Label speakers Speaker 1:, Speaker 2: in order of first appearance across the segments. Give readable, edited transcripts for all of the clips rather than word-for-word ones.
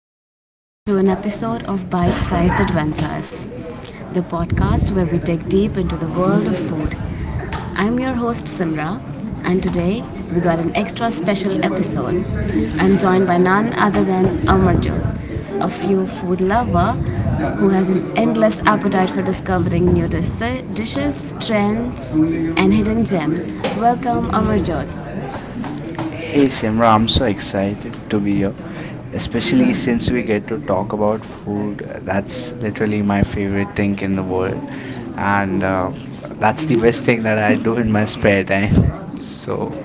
Speaker 1: everyone, to an episode of Bite Sized Adventures, the podcast where we dig deep into the world of food. I'm your host, Simra, and today we got an extra special episode. I'm joined by none other than Amarjot, a few food lover who has an endless appetite for discovering new dishes, trends, and hidden gems. Welcome, Amarjot.
Speaker 2: Hey Simra, I'm so
Speaker 1: So excited
Speaker 2: excited
Speaker 1: to
Speaker 2: to
Speaker 1: be
Speaker 2: be
Speaker 1: here,
Speaker 2: here, especially
Speaker 1: especially
Speaker 2: since
Speaker 1: since
Speaker 2: we
Speaker 1: we
Speaker 2: get
Speaker 1: get
Speaker 2: to
Speaker 1: to talk
Speaker 2: talk
Speaker 1: about
Speaker 2: about
Speaker 1: food.
Speaker 2: food.
Speaker 1: That's
Speaker 2: That's literally
Speaker 1: literally my
Speaker 2: my favorite
Speaker 1: favorite
Speaker 2: thing
Speaker 1: thing
Speaker 2: in
Speaker 1: in
Speaker 2: the
Speaker 1: the
Speaker 2: world,
Speaker 1: world,
Speaker 2: and
Speaker 1: and uh,
Speaker 2: that's the best thing that I do in my
Speaker 1: I do.
Speaker 2: spare time. So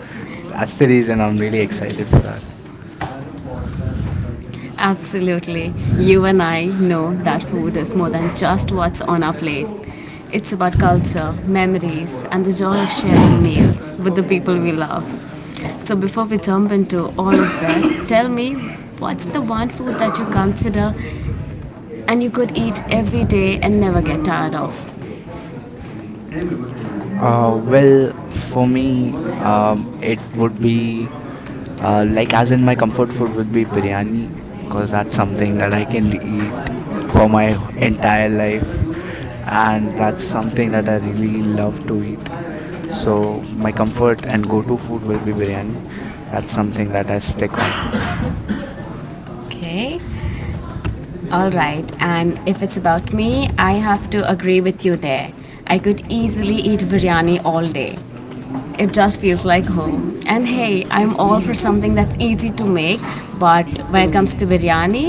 Speaker 2: that's
Speaker 1: I'm
Speaker 2: the reason I'm really excited for
Speaker 1: really
Speaker 2: that.
Speaker 1: Absolutely. You and I know that food is more than just what's on our plate. It's about culture, memories, and the joy of sharing meals with the people we love. So, before we jump into all of that, tell me, what's the one food that you consider and you could eat every day and never get tired of? Well, for
Speaker 2: For
Speaker 1: me,
Speaker 2: me,
Speaker 1: it's
Speaker 2: it would
Speaker 1: food.
Speaker 2: be like as in my comfort food would be biryani because
Speaker 1: That's
Speaker 2: that's
Speaker 1: something
Speaker 2: something that I
Speaker 1: that
Speaker 2: can eat for
Speaker 1: I
Speaker 2: my
Speaker 1: and
Speaker 2: entire life, and
Speaker 1: had
Speaker 2: that's
Speaker 1: something
Speaker 2: something that I really love to
Speaker 1: really.
Speaker 2: eat.
Speaker 1: So
Speaker 2: So my comfort and go-to food will be biryani. That's
Speaker 1: something
Speaker 2: something
Speaker 1: that
Speaker 2: that
Speaker 1: I
Speaker 2: I stick on.
Speaker 1: expected. Okay. All right. And if it's about me, I have to agree with you there. I could easily eat biryani all day. It just feels like home. And hey, I'm all for something that's easy to make, but when it comes to biryani,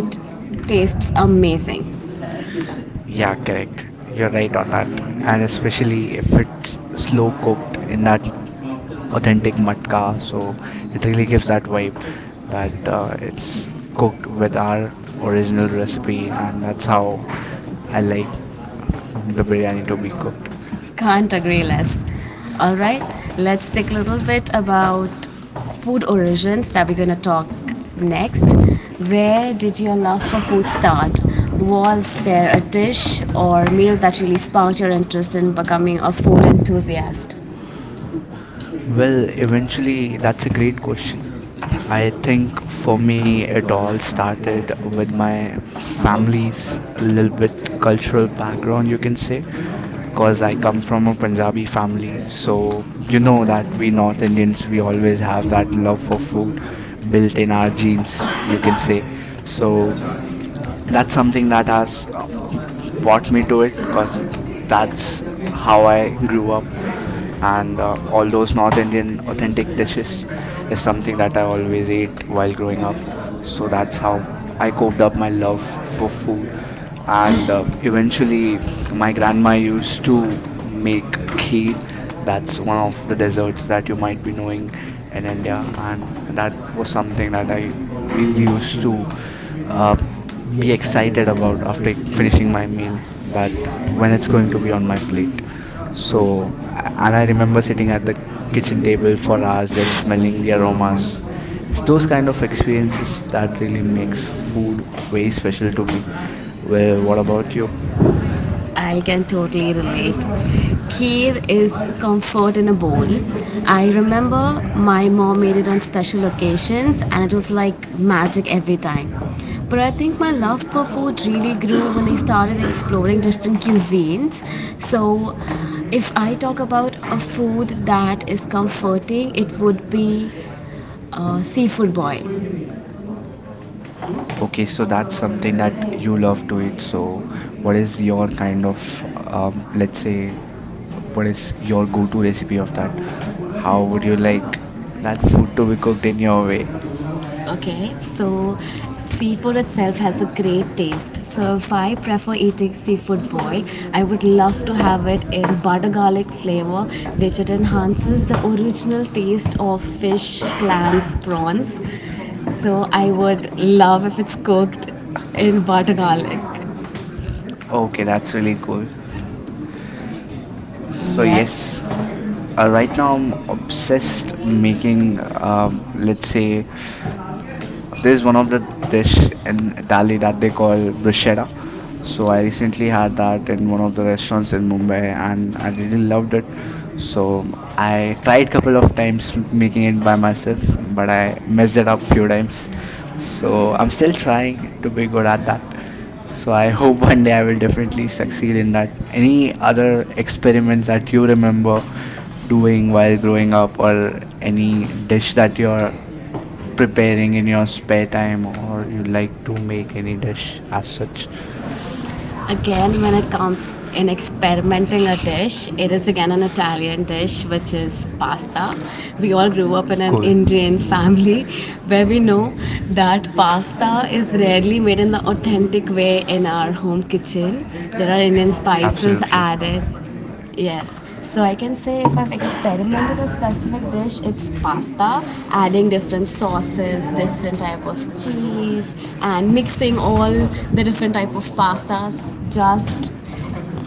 Speaker 1: it tastes amazing. Yeah,
Speaker 2: Yeah, correct. You're right on that.
Speaker 1: I
Speaker 2: And especially if it's slow cooked in that authentic matka, so it really gives that vibe that it's cooked with our original recipe, and that's how I like the biryani to be cooked.
Speaker 1: Can't agree less. All right, let's take a little bit about food origins that we're going to talk next. Where did your love for food start? Was there a dish or meal that really sparked your interest in becoming a food enthusiast? Well,
Speaker 2: Well, eventually, that's a great question. I think
Speaker 1: for
Speaker 2: for
Speaker 1: me,
Speaker 2: me,
Speaker 1: it
Speaker 2: it
Speaker 1: all
Speaker 2: all
Speaker 1: started
Speaker 2: started
Speaker 1: with
Speaker 2: with
Speaker 1: my
Speaker 2: my
Speaker 1: family's,
Speaker 2: family's little
Speaker 1: with the
Speaker 2: bit
Speaker 1: cultural
Speaker 2: cultural background,
Speaker 1: background, you
Speaker 2: you
Speaker 1: can
Speaker 2: can
Speaker 1: say,
Speaker 2: say,
Speaker 1: because
Speaker 2: because I
Speaker 1: I come
Speaker 2: come from
Speaker 1: from
Speaker 2: a
Speaker 1: a Punjabi
Speaker 2: Punjabi
Speaker 1: family,
Speaker 2: family.
Speaker 1: so
Speaker 2: So,
Speaker 1: you
Speaker 2: you
Speaker 1: know
Speaker 2: know
Speaker 1: that
Speaker 2: that we
Speaker 1: we know
Speaker 2: North
Speaker 1: Indians,
Speaker 2: Indians,
Speaker 1: we
Speaker 2: we
Speaker 1: always
Speaker 2: always
Speaker 1: have
Speaker 2: have
Speaker 1: that
Speaker 2: that
Speaker 1: love
Speaker 2: love for
Speaker 1: for
Speaker 2: food built
Speaker 1: food
Speaker 2: in our
Speaker 1: margins,
Speaker 2: genes,
Speaker 1: you
Speaker 2: you
Speaker 1: can
Speaker 2: can say.
Speaker 1: say. So
Speaker 2: So,
Speaker 1: that's
Speaker 2: that's
Speaker 1: some
Speaker 2: something that has
Speaker 1: what.
Speaker 2: brought me to it because that's
Speaker 1: That's how
Speaker 2: how I grew up. And all those North Indian
Speaker 1: um
Speaker 2: authentic
Speaker 1: identification
Speaker 2: dishes is
Speaker 1: is,
Speaker 2: something that I
Speaker 1: the
Speaker 2: always
Speaker 1: way
Speaker 2: ate
Speaker 1: one
Speaker 2: while growing up.
Speaker 1: going. So
Speaker 2: So,
Speaker 1: that's
Speaker 2: that's
Speaker 1: how
Speaker 2: how
Speaker 1: I
Speaker 2: I coped up my
Speaker 1: love
Speaker 2: love
Speaker 1: for
Speaker 2: for
Speaker 1: food,
Speaker 2: food
Speaker 1: and
Speaker 2: and
Speaker 1: uh, it really
Speaker 2: eventually
Speaker 1: my
Speaker 2: my grandma used to
Speaker 1: to
Speaker 2: make
Speaker 1: make tea.
Speaker 2: kheer.
Speaker 1: That's
Speaker 2: That's one
Speaker 1: not
Speaker 2: of the
Speaker 1: the dessert
Speaker 2: desserts
Speaker 1: that
Speaker 2: that
Speaker 1: you
Speaker 2: you
Speaker 1: might
Speaker 2: might
Speaker 1: be
Speaker 2: be
Speaker 1: new
Speaker 2: knowing in
Speaker 1: in India,
Speaker 2: India,
Speaker 1: and
Speaker 2: and
Speaker 1: um,
Speaker 2: that
Speaker 1: that
Speaker 2: was
Speaker 1: is something
Speaker 2: something
Speaker 1: that
Speaker 2: that I
Speaker 1: I
Speaker 2: really used
Speaker 1: need
Speaker 2: to
Speaker 1: to
Speaker 2: uh,
Speaker 1: be
Speaker 2: be
Speaker 1: excited,
Speaker 2: excited
Speaker 1: and
Speaker 2: about
Speaker 1: a
Speaker 2: after
Speaker 1: bit
Speaker 2: finishing
Speaker 1: my
Speaker 2: my
Speaker 1: new,
Speaker 2: meal, that
Speaker 1: like
Speaker 2: when
Speaker 1: when it's
Speaker 2: it's
Speaker 1: going
Speaker 2: going
Speaker 1: to
Speaker 2: to
Speaker 1: be
Speaker 2: be
Speaker 1: a
Speaker 2: on my plate.
Speaker 1: movie. So
Speaker 2: So And I
Speaker 1: and
Speaker 2: remember sitting
Speaker 1: a
Speaker 2: at the kitchen
Speaker 1: kitchen table
Speaker 2: table
Speaker 1: for
Speaker 2: for hours,
Speaker 1: us
Speaker 2: just
Speaker 1: when in
Speaker 2: smelling the
Speaker 1: the.
Speaker 2: aromas. It's
Speaker 1: Those
Speaker 2: those kind of
Speaker 1: things
Speaker 2: experiences
Speaker 1: that
Speaker 2: that
Speaker 1: will
Speaker 2: really makes
Speaker 1: be
Speaker 2: food
Speaker 1: very
Speaker 2: very
Speaker 1: special
Speaker 2: special to me.
Speaker 1: to
Speaker 2: Well, what about
Speaker 1: me.
Speaker 2: you?
Speaker 1: Yeah. I can totally relate. Kheer is comfort in a bowl. I remember my mom made it on special occasions and it was like magic every time. But I think my love for food really grew when I started exploring different cuisines. So, if I talk about a food that is comforting, it would be seafood boil.
Speaker 2: Okay,
Speaker 1: Okay,
Speaker 2: so
Speaker 1: so
Speaker 2: that's
Speaker 1: that's
Speaker 2: something
Speaker 1: something
Speaker 2: that
Speaker 1: that
Speaker 2: you
Speaker 1: you love
Speaker 2: love to eat.
Speaker 1: doing. So,
Speaker 2: So, what
Speaker 1: what is
Speaker 2: is your
Speaker 1: your kind
Speaker 2: kind of,
Speaker 1: of
Speaker 2: let's say, what
Speaker 1: pues.
Speaker 2: is your go-to recipe of that? How would you like that food to be cooked in your way?
Speaker 1: Okay, so seafood itself has a great taste. So if I prefer eating seafood boiled, I would love to have it in butter garlic flavor, which it enhances the original taste of fish, clams, prawns. So I would love if it's cooked in butter garlic.
Speaker 2: Okay, that's really cool.
Speaker 1: So,
Speaker 2: So
Speaker 1: yes.
Speaker 2: yes, right now I'm
Speaker 1: Obsessed
Speaker 2: obsessed making,
Speaker 1: looking
Speaker 2: let's
Speaker 1: looks.
Speaker 2: say, there's one of the dish in Italy that they call bruschetta. So
Speaker 1: So
Speaker 2: I recently had that in
Speaker 1: I'm
Speaker 2: one of the
Speaker 1: not
Speaker 2: restaurants
Speaker 1: as a
Speaker 2: in Mumbai
Speaker 1: Mumbai
Speaker 2: and
Speaker 1: and
Speaker 2: I really loved it.
Speaker 1: I believe so.
Speaker 2: So I tried couple of times making it by myself, but I messed it up few times. So I'm still trying to be good at that. So I hope one day I will definitely
Speaker 1: It's
Speaker 2: succeed
Speaker 1: actually
Speaker 2: in that. Any other experiments that you remember
Speaker 1: doing
Speaker 2: doing
Speaker 1: what,
Speaker 2: while growing up, or
Speaker 1: I mean,
Speaker 2: any
Speaker 1: they,
Speaker 2: dish that you're preparing in your spare time, or
Speaker 1: and
Speaker 2: you
Speaker 1: would
Speaker 2: like
Speaker 1: like
Speaker 2: to
Speaker 1: to make
Speaker 2: make any
Speaker 1: any
Speaker 2: dish as such?
Speaker 1: such. Again, when it comes in experimenting a dish, it is again an Italian dish, which is pasta. We all grew up in an
Speaker 2: Cool.
Speaker 1: Indian family where we
Speaker 2: Yeah.
Speaker 1: know that pasta is rarely made in the authentic way in our home kitchen. There are Indian spices
Speaker 2: Absolutely.
Speaker 1: added. Yes, so I can say if I've experimented a specific dish, it's pasta, adding different sauces, different type of cheese, and mixing all the different type of pastas, just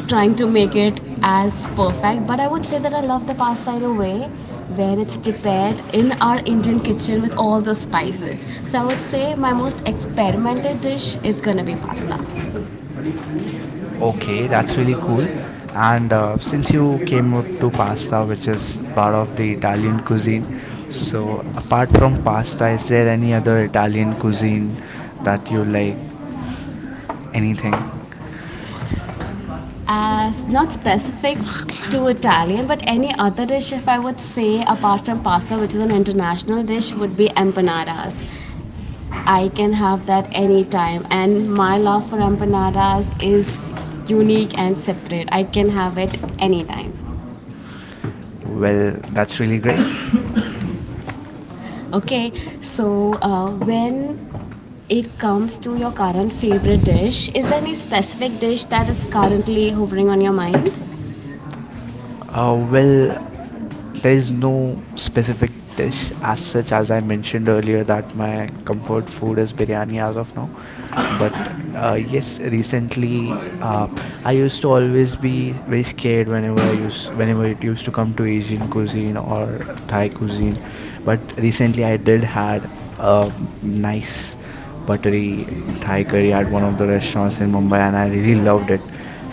Speaker 1: trying to make it as perfect. But I would say that I love the pasta in a way where it's prepared in our Indian kitchen with all the spices. So I would say my most experimented dish is gonna be pasta.
Speaker 2: Okay, that's really cool. And since you came up to pasta, which is part of the Italian cuisine, so apart from pasta, is there any other Italian cuisine that you like? Anything?
Speaker 1: As not specific to Italian, but any other dish, if I would say, apart from pasta, which is an international dish, would be empanadas. I can have that anytime, and my love for empanadas is unique and separate. I can have it anytime.
Speaker 2: Well, that's really great.
Speaker 1: Okay, so when it comes to your current favorite dish, is there any specific dish that is currently hovering on your mind?
Speaker 2: Uh, well, there is no specific dish as such, as I mentioned earlier, that my comfort food is biryani as of now. But yes, recently I used to always be very scared whenever I used whenever it used to come to Asian cuisine or Thai cuisine. But recently I did had a
Speaker 1: Nice.
Speaker 2: nice buttery Thai curry at one of the
Speaker 1: Congratulations
Speaker 2: restaurants in
Speaker 1: in
Speaker 2: Mumbai, and
Speaker 1: Mumbai.
Speaker 2: I really
Speaker 1: And
Speaker 2: loved it.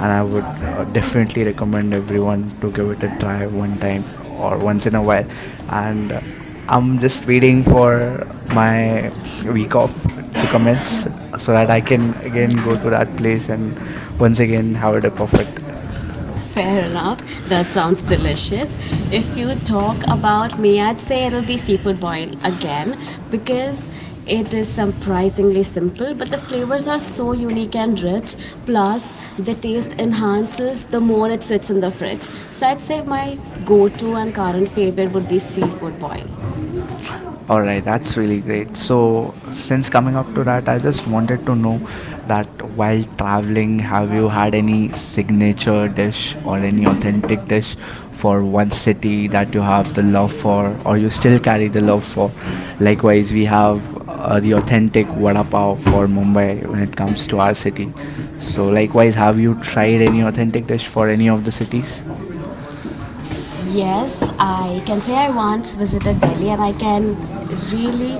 Speaker 2: And I
Speaker 1: would, I
Speaker 2: would definitely
Speaker 1: would
Speaker 2: recommend
Speaker 1: recommend everyone
Speaker 2: everyone
Speaker 1: to
Speaker 2: to give
Speaker 1: visit
Speaker 2: it a try one
Speaker 1: that
Speaker 2: time or once in a while. And I'm just waiting for my week off to commence so that I can again go to that place and
Speaker 1: one
Speaker 2: once again have it a perfect.
Speaker 1: time. Fair enough. That sounds delicious. If you talk about me, I'd say it'll be seafood boil again because it is surprisingly simple, but the flavors are so unique and rich. Plus, the taste enhances the more it sits in the fridge. So, I'd say my go to and current favorite would be seafood boil.
Speaker 2: All right, that's really great. So, since coming up to that, I just wanted to know that while traveling, have you had any signature dish or any authentic dish for one city that you have the love for or you still carry the love for? Likewise, we have the authentic vada pav for Mumbai when it comes to our city. So, likewise, have you tried any authentic dish for any of the cities?
Speaker 1: Yes, I can say I once visited Delhi, and I can really,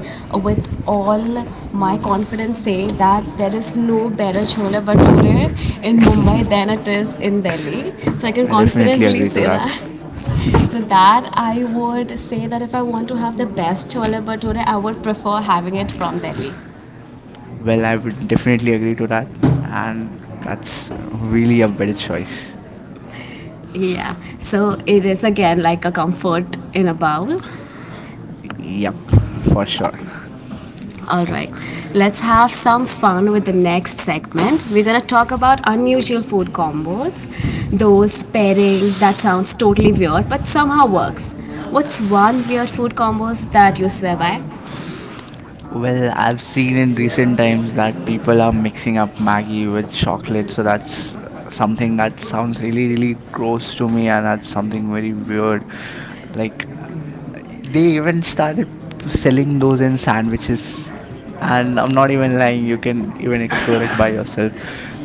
Speaker 1: with all my confidence, say that there is no better chola bhature in Mumbai than it is in Delhi. So I can
Speaker 2: I definitely
Speaker 1: confidently
Speaker 2: agree to
Speaker 1: say
Speaker 2: that.
Speaker 1: that. So that I would say that if I want to have the best chola bhature, I would prefer having it from Delhi.
Speaker 2: Well, I would definitely agree to that, and that's really a better choice.
Speaker 1: Yeah, so it is again like a comfort in a bowl.
Speaker 2: Yep, for sure.
Speaker 1: All right, let's have some fun with the next segment. We're gonna talk about unusual food combos, those pairing that sounds totally weird but somehow works. What's one weird food combos that you swear by?
Speaker 2: Well, I've seen in recent times that people are mixing up Maggie with chocolate, so that's something that sounds really, really gross to me, and that's something very weird. Like,
Speaker 1: Ask
Speaker 2: they even started selling those in sandwiches, and I'm not even lying, you can even explore it by yourself.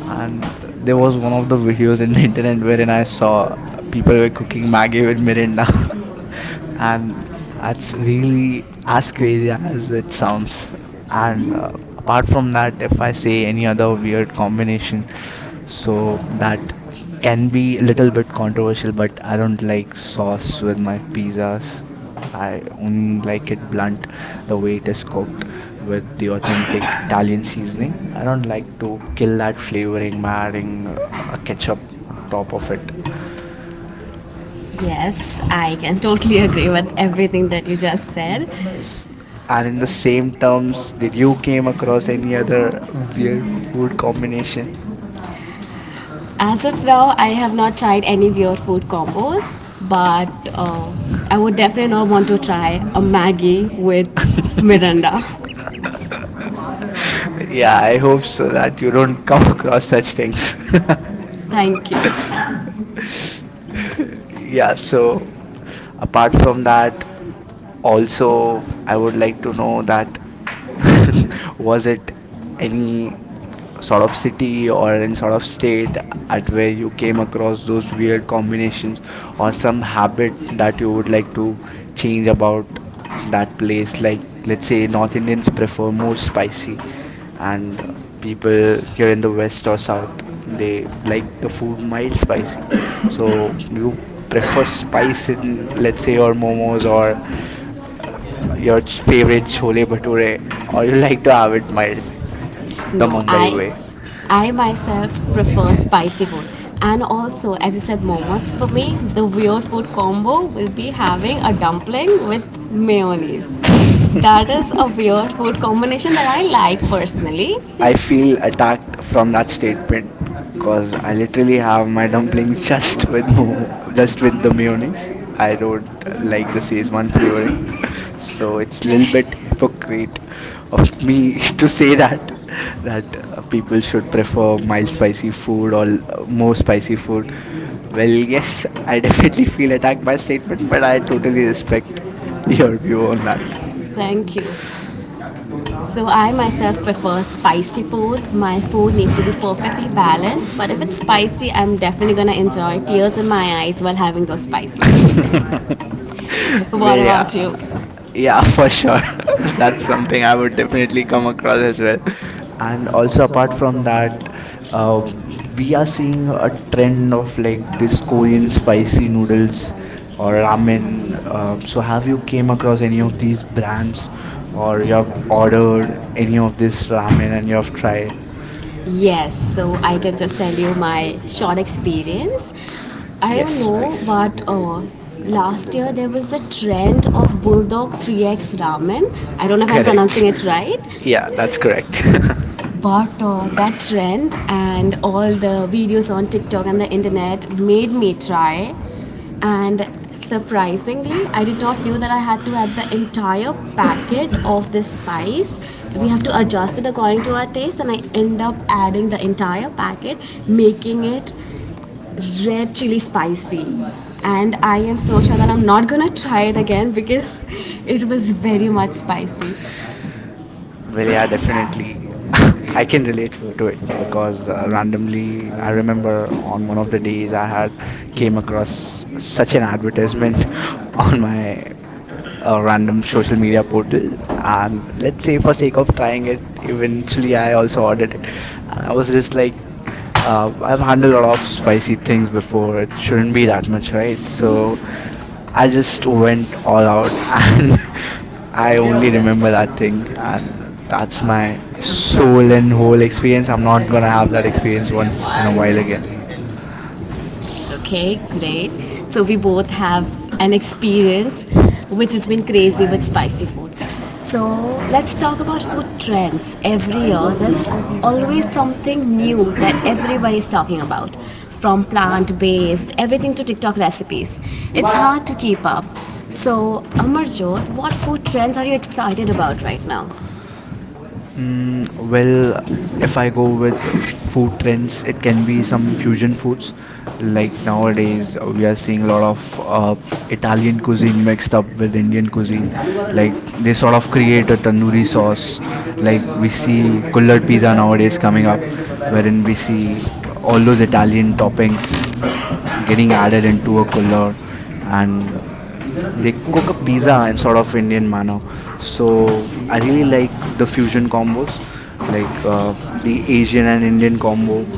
Speaker 2: And there was one of the videos in the internet wherein I saw people were cooking Maggie with Mirinda, and that's really as crazy as
Speaker 1: the
Speaker 2: it
Speaker 1: sounds.
Speaker 2: sounds. And
Speaker 1: And apart
Speaker 2: apart
Speaker 1: from
Speaker 2: from
Speaker 1: that,
Speaker 2: that, if
Speaker 1: if I
Speaker 2: I
Speaker 1: say
Speaker 2: say any
Speaker 1: any other
Speaker 2: other
Speaker 1: weird
Speaker 2: weird
Speaker 1: combination,
Speaker 2: combination,
Speaker 1: so
Speaker 2: so
Speaker 1: that
Speaker 2: that
Speaker 1: can
Speaker 2: can
Speaker 1: be
Speaker 2: be
Speaker 1: a
Speaker 2: a
Speaker 1: little
Speaker 2: little bit
Speaker 1: bit controversial,
Speaker 2: controversial,
Speaker 1: but
Speaker 2: but
Speaker 1: I
Speaker 2: I don't
Speaker 1: don't like
Speaker 2: like
Speaker 1: sauce
Speaker 2: sauce
Speaker 1: or
Speaker 2: with my
Speaker 1: flavors.
Speaker 2: pizzas.
Speaker 1: I
Speaker 2: I
Speaker 1: don't
Speaker 2: only like
Speaker 1: like
Speaker 2: it blunt,
Speaker 1: it the
Speaker 2: the way
Speaker 1: way
Speaker 2: it
Speaker 1: it
Speaker 2: is
Speaker 1: is
Speaker 2: cooked with the
Speaker 1: cooked.
Speaker 2: authentic Italian
Speaker 1: Italian
Speaker 2: seasoning. I
Speaker 1: season.
Speaker 2: don't like to kill that flavoring by adding a ketchup on top of it.
Speaker 1: Yes, I can totally agree with everything that you just said.
Speaker 2: And in the same terms, did you came across any other weird food combination?
Speaker 1: As of now, I have not tried any weird food combos, but I would definitely not want to try a Maggie with Miranda.
Speaker 2: Yeah, I hope so that you don't come across such things.
Speaker 1: Thank you.
Speaker 2: Yeah, so apart from that, also, I would like to know that was it any sort of city or any sort of state at where you came across those weird combinations, or some habit
Speaker 1: that
Speaker 2: that you would like to change about
Speaker 1: that
Speaker 2: that place? Like, let's say North Indians prefer more spicy, and people here in the west or south, they like the food mild spicy.
Speaker 1: spice.
Speaker 2: So you prefer spice in, let's say, your momos or your favorite chole bhature, or you like to have it mild, the
Speaker 1: No,
Speaker 2: Mumbai way?
Speaker 1: I myself prefer spicy food. And also, as you said, momos, for me, the weird food combo will be having a dumpling with mayonnaise. That is a weird food combination that I like personally.
Speaker 2: I feel attacked from that statement because I literally have my dumplings just with the mayonnaise. I don't like the szechuan flavoring, so it's a little bit hypocrite of me to say that people should prefer mild spicy food or more spicy food. Well, yes, I definitely feel attacked by statement, but I totally respect your view on that.
Speaker 1: Thank you. So I myself prefer spicy food. My food needs to be perfectly balanced, but if it's spicy, I'm definitely gonna enjoy tears in my eyes while having those spicy food. What
Speaker 2: Well,
Speaker 1: about
Speaker 2: yeah.
Speaker 1: you?
Speaker 2: Yeah, for sure. That's something I would definitely come across as well. And also, apart from that, uh, we are seeing a trend of like this
Speaker 1: Like
Speaker 2: Korean
Speaker 1: Korean spicy
Speaker 2: spicy
Speaker 1: noodles
Speaker 2: noodles or
Speaker 1: or
Speaker 2: ramen.
Speaker 1: ramen. Uh,
Speaker 2: So
Speaker 1: so
Speaker 2: have
Speaker 1: have
Speaker 2: you
Speaker 1: you
Speaker 2: came
Speaker 1: came across
Speaker 2: across any
Speaker 1: any
Speaker 2: of
Speaker 1: of
Speaker 2: these
Speaker 1: these brands
Speaker 2: brands, or
Speaker 1: or
Speaker 2: you
Speaker 1: your
Speaker 2: have ordered any of this ramen and you
Speaker 1: ramen?
Speaker 2: have tried?
Speaker 1: Yes, so I can just tell you my short experience. I don't
Speaker 2: Yes,
Speaker 1: know,
Speaker 2: please.
Speaker 1: but last year there was a trend of Bulldog 3x ramen. I don't know if I'm pronouncing
Speaker 2: Correct.
Speaker 1: it right.
Speaker 2: Yeah, that's correct.
Speaker 1: Embarked on that trend and all the videos on TikTok and the internet made me try. And surprisingly, I did not knew that I had to add the entire packet of this spice. We have to adjust it according to our taste, and I end up adding the entire packet, making it red chili spicy. And I am so sure that I'm not gonna try it again because it was very much spicy.
Speaker 2: Well, yeah, definitely. I
Speaker 1: I
Speaker 2: can
Speaker 1: can relate
Speaker 2: relate
Speaker 1: to
Speaker 2: to
Speaker 1: it
Speaker 2: it
Speaker 1: because
Speaker 2: because
Speaker 1: randomly
Speaker 2: randomly
Speaker 1: I
Speaker 2: I
Speaker 1: remember
Speaker 2: remember
Speaker 1: on
Speaker 2: on
Speaker 1: one
Speaker 2: one
Speaker 1: of
Speaker 2: of
Speaker 1: the
Speaker 2: the
Speaker 1: days
Speaker 2: days
Speaker 1: I
Speaker 2: I had
Speaker 1: had
Speaker 2: came
Speaker 1: came across
Speaker 2: across
Speaker 1: such
Speaker 2: such an
Speaker 1: an advertisement
Speaker 2: advertisement on
Speaker 1: on
Speaker 2: my
Speaker 1: my
Speaker 2: random
Speaker 1: random
Speaker 2: social
Speaker 1: social media
Speaker 2: media portal.
Speaker 1: portal.
Speaker 2: And
Speaker 1: And
Speaker 2: let's
Speaker 1: let's
Speaker 2: say
Speaker 1: say
Speaker 2: for sake of trying it, eventually I also
Speaker 1: I ordered
Speaker 2: ordered it.
Speaker 1: it.
Speaker 2: And I
Speaker 1: I
Speaker 2: was
Speaker 1: was
Speaker 2: just
Speaker 1: just like,
Speaker 2: like, I've
Speaker 1: I've had a
Speaker 2: handled a lot
Speaker 1: lot of
Speaker 2: of spicy
Speaker 1: spicy
Speaker 2: things
Speaker 1: things before,
Speaker 2: before,
Speaker 1: it
Speaker 2: it
Speaker 1: shouldn't
Speaker 2: shouldn't
Speaker 1: be
Speaker 2: be
Speaker 1: that
Speaker 2: that
Speaker 1: much,
Speaker 2: much,
Speaker 1: right?
Speaker 2: right? So
Speaker 1: So
Speaker 2: I just went all
Speaker 1: all
Speaker 2: out,
Speaker 1: out.
Speaker 2: and
Speaker 1: I
Speaker 2: I
Speaker 1: only
Speaker 2: only
Speaker 1: remember
Speaker 2: remember that
Speaker 1: that
Speaker 2: thing,
Speaker 1: thing.
Speaker 2: and that's my soul and whole experience. I'm not gonna have that experience once in a while again.
Speaker 1: Okay, great. So we both have an experience which has been crazy with spicy food. So let's talk about food trends. Every year, there's always something new that everybody is talking about, from plant based, everything to TikTok recipes. It's hard to keep up. So, Amarjot, what food trends are you excited about right now?
Speaker 2: Mm, well, if I go with food
Speaker 1: Then
Speaker 2: trends, it
Speaker 1: it can
Speaker 2: can be
Speaker 1: be some
Speaker 2: some fusion
Speaker 1: confusion
Speaker 2: foods.
Speaker 1: and
Speaker 2: Like nowadays, we are seeing a lot of Italian cuisine mixed up with Indian cuisine. Like they sort of create a tandoori sauce. Like we see collard pizza nowadays coming up, wherein we see all those Italian toppings getting added into a collard, and they cook a pizza in sort of Indian manner. So I really like the fusion combos, like the Asian and Indian combo,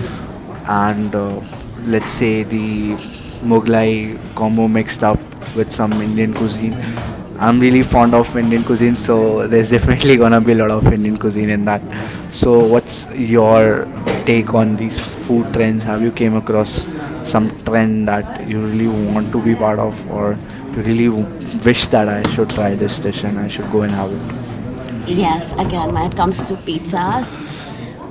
Speaker 2: and
Speaker 1: let's
Speaker 2: let's
Speaker 1: say
Speaker 2: say the Mughlai combo mixed up with
Speaker 1: some.
Speaker 2: some Indian cuisine. I'm really fond of Indian cuisine, so there's definitely gonna be a lot of Indian cuisine in that. So, what's your take on these food trends? Have you came across some trend that you really want to be part of, or you really wish that I should try this dish and I should go and have it?
Speaker 1: Yes, again, when it comes to pizzas,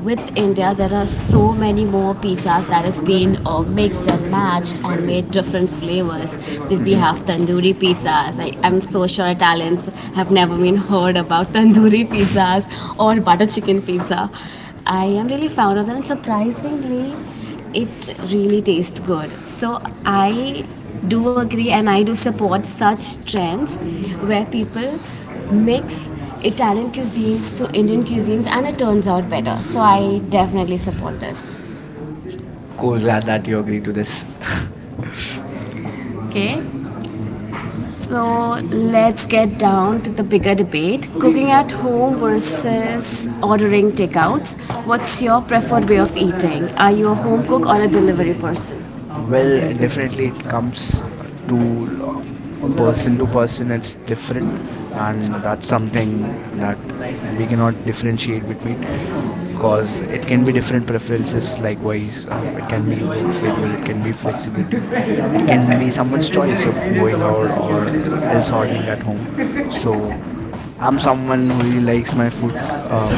Speaker 1: with India, there are so many more pizzas that has been mixed and matched and made different flavors. Then we have tandoori pizzas. I'm so sure Italians have never been heard about tandoori pizzas or butter chicken pizza. I am really fond of them, and surprisingly, it really tastes good. So I do agree, and I do support such trends where people mix Italian cuisines to Indian cuisines, and it turns out better. So I definitely support this.
Speaker 2: Cool, glad that you agree to this.
Speaker 1: Really. Okay. So let's get down to the bigger debate, cooking at home versus ordering takeouts. What's your preferred way of eating? Are you a home cook or a delivery person?
Speaker 2: Well, definitely it comes
Speaker 1: um,
Speaker 2: to, person to person
Speaker 1: It's
Speaker 2: it's
Speaker 1: different,
Speaker 2: different,
Speaker 1: and
Speaker 2: and
Speaker 1: that's
Speaker 2: that's
Speaker 1: something
Speaker 2: something
Speaker 1: like that
Speaker 2: that
Speaker 1: we
Speaker 2: we cannot
Speaker 1: cannot
Speaker 2: differentiate between,
Speaker 1: differentiate, or
Speaker 2: because it can
Speaker 1: any
Speaker 2: be
Speaker 1: different
Speaker 2: different
Speaker 1: preferences,
Speaker 2: preferences.
Speaker 1: like why
Speaker 2: Likewise, it can be work
Speaker 1: someone,
Speaker 2: schedule, it can be flexibility,
Speaker 1: someone
Speaker 2: it can be someone's
Speaker 1: Messenger
Speaker 2: choice of
Speaker 1: experience
Speaker 2: going
Speaker 1: about
Speaker 2: out
Speaker 1: black
Speaker 2: or
Speaker 1: cancellation of
Speaker 2: else
Speaker 1: Astro. So
Speaker 2: ordering at home. So I'm
Speaker 1: one
Speaker 2: someone
Speaker 1: is
Speaker 2: who really likes my
Speaker 1: like
Speaker 2: food uh,
Speaker 1: to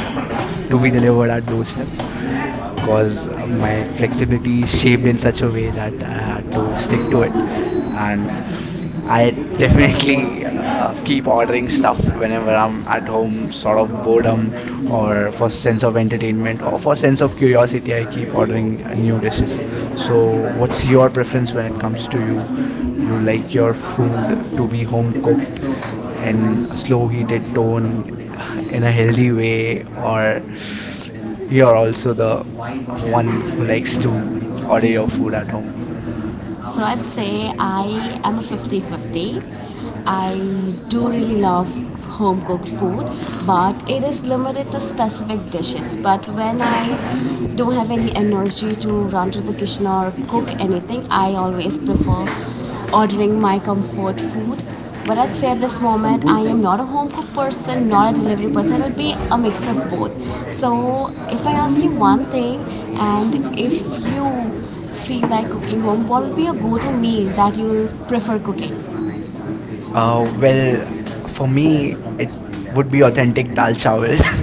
Speaker 2: to
Speaker 1: be
Speaker 2: be
Speaker 1: developed,
Speaker 2: delivered
Speaker 1: was
Speaker 2: at
Speaker 1: the
Speaker 2: doorstep
Speaker 1: system,
Speaker 2: because my
Speaker 1: while
Speaker 2: flexibility is
Speaker 1: flexibility shape,
Speaker 2: shaped in such a way that I had to stick to it. And
Speaker 1: I
Speaker 2: I
Speaker 1: definitely
Speaker 2: definitely
Speaker 1: keep
Speaker 2: keep ordering
Speaker 1: ordering
Speaker 2: stuff
Speaker 1: stuff when I'm
Speaker 2: whenever I'm at
Speaker 1: at home,
Speaker 2: home,
Speaker 1: so
Speaker 2: sort
Speaker 1: going
Speaker 2: of
Speaker 1: out
Speaker 2: boredom
Speaker 1: or evening
Speaker 2: or
Speaker 1: or
Speaker 2: for sense of entertainment or for
Speaker 1: so.
Speaker 2: sense of curiosity. I keep ordering new dishes. So,
Speaker 1: Like,
Speaker 2: what's
Speaker 1: what's your
Speaker 2: your
Speaker 1: preference
Speaker 2: preference
Speaker 1: when
Speaker 2: when
Speaker 1: you're
Speaker 2: it
Speaker 1: at
Speaker 2: comes to you?
Speaker 1: home?
Speaker 2: You
Speaker 1: Like it's
Speaker 2: like
Speaker 1: your
Speaker 2: your
Speaker 1: food
Speaker 2: food to
Speaker 1: to
Speaker 2: be
Speaker 1: be home
Speaker 2: home
Speaker 1: different
Speaker 2: cooked
Speaker 1: types of
Speaker 2: in a slow heated
Speaker 1: slowly
Speaker 2: tone
Speaker 1: shown in
Speaker 2: in
Speaker 1: a
Speaker 2: a
Speaker 1: healthy
Speaker 2: healthy way,
Speaker 1: way
Speaker 2: or
Speaker 1: or you're
Speaker 2: you're
Speaker 1: also
Speaker 2: also
Speaker 1: the
Speaker 2: the
Speaker 1: one
Speaker 2: one
Speaker 1: who
Speaker 2: who
Speaker 1: makes
Speaker 2: likes to order your food
Speaker 1: the
Speaker 2: at home?
Speaker 1: the so I'd say I am a 50-50. I do really love home cooked food, but it is limited to specific dishes. But when I don't have any energy to run to the kitchen or cook anything, I always prefer ordering my comfort food. But I'd say at this moment, I am not a home cook person, not a delivery person. It'll be a mix of both. So if I ask you one thing, and if you feel like cooking home, what would be a go-to meal that you'll prefer cooking?
Speaker 2: Well,
Speaker 1: Well, for
Speaker 2: for me it
Speaker 1: me,
Speaker 2: would
Speaker 1: would
Speaker 2: be authentic dal chawal.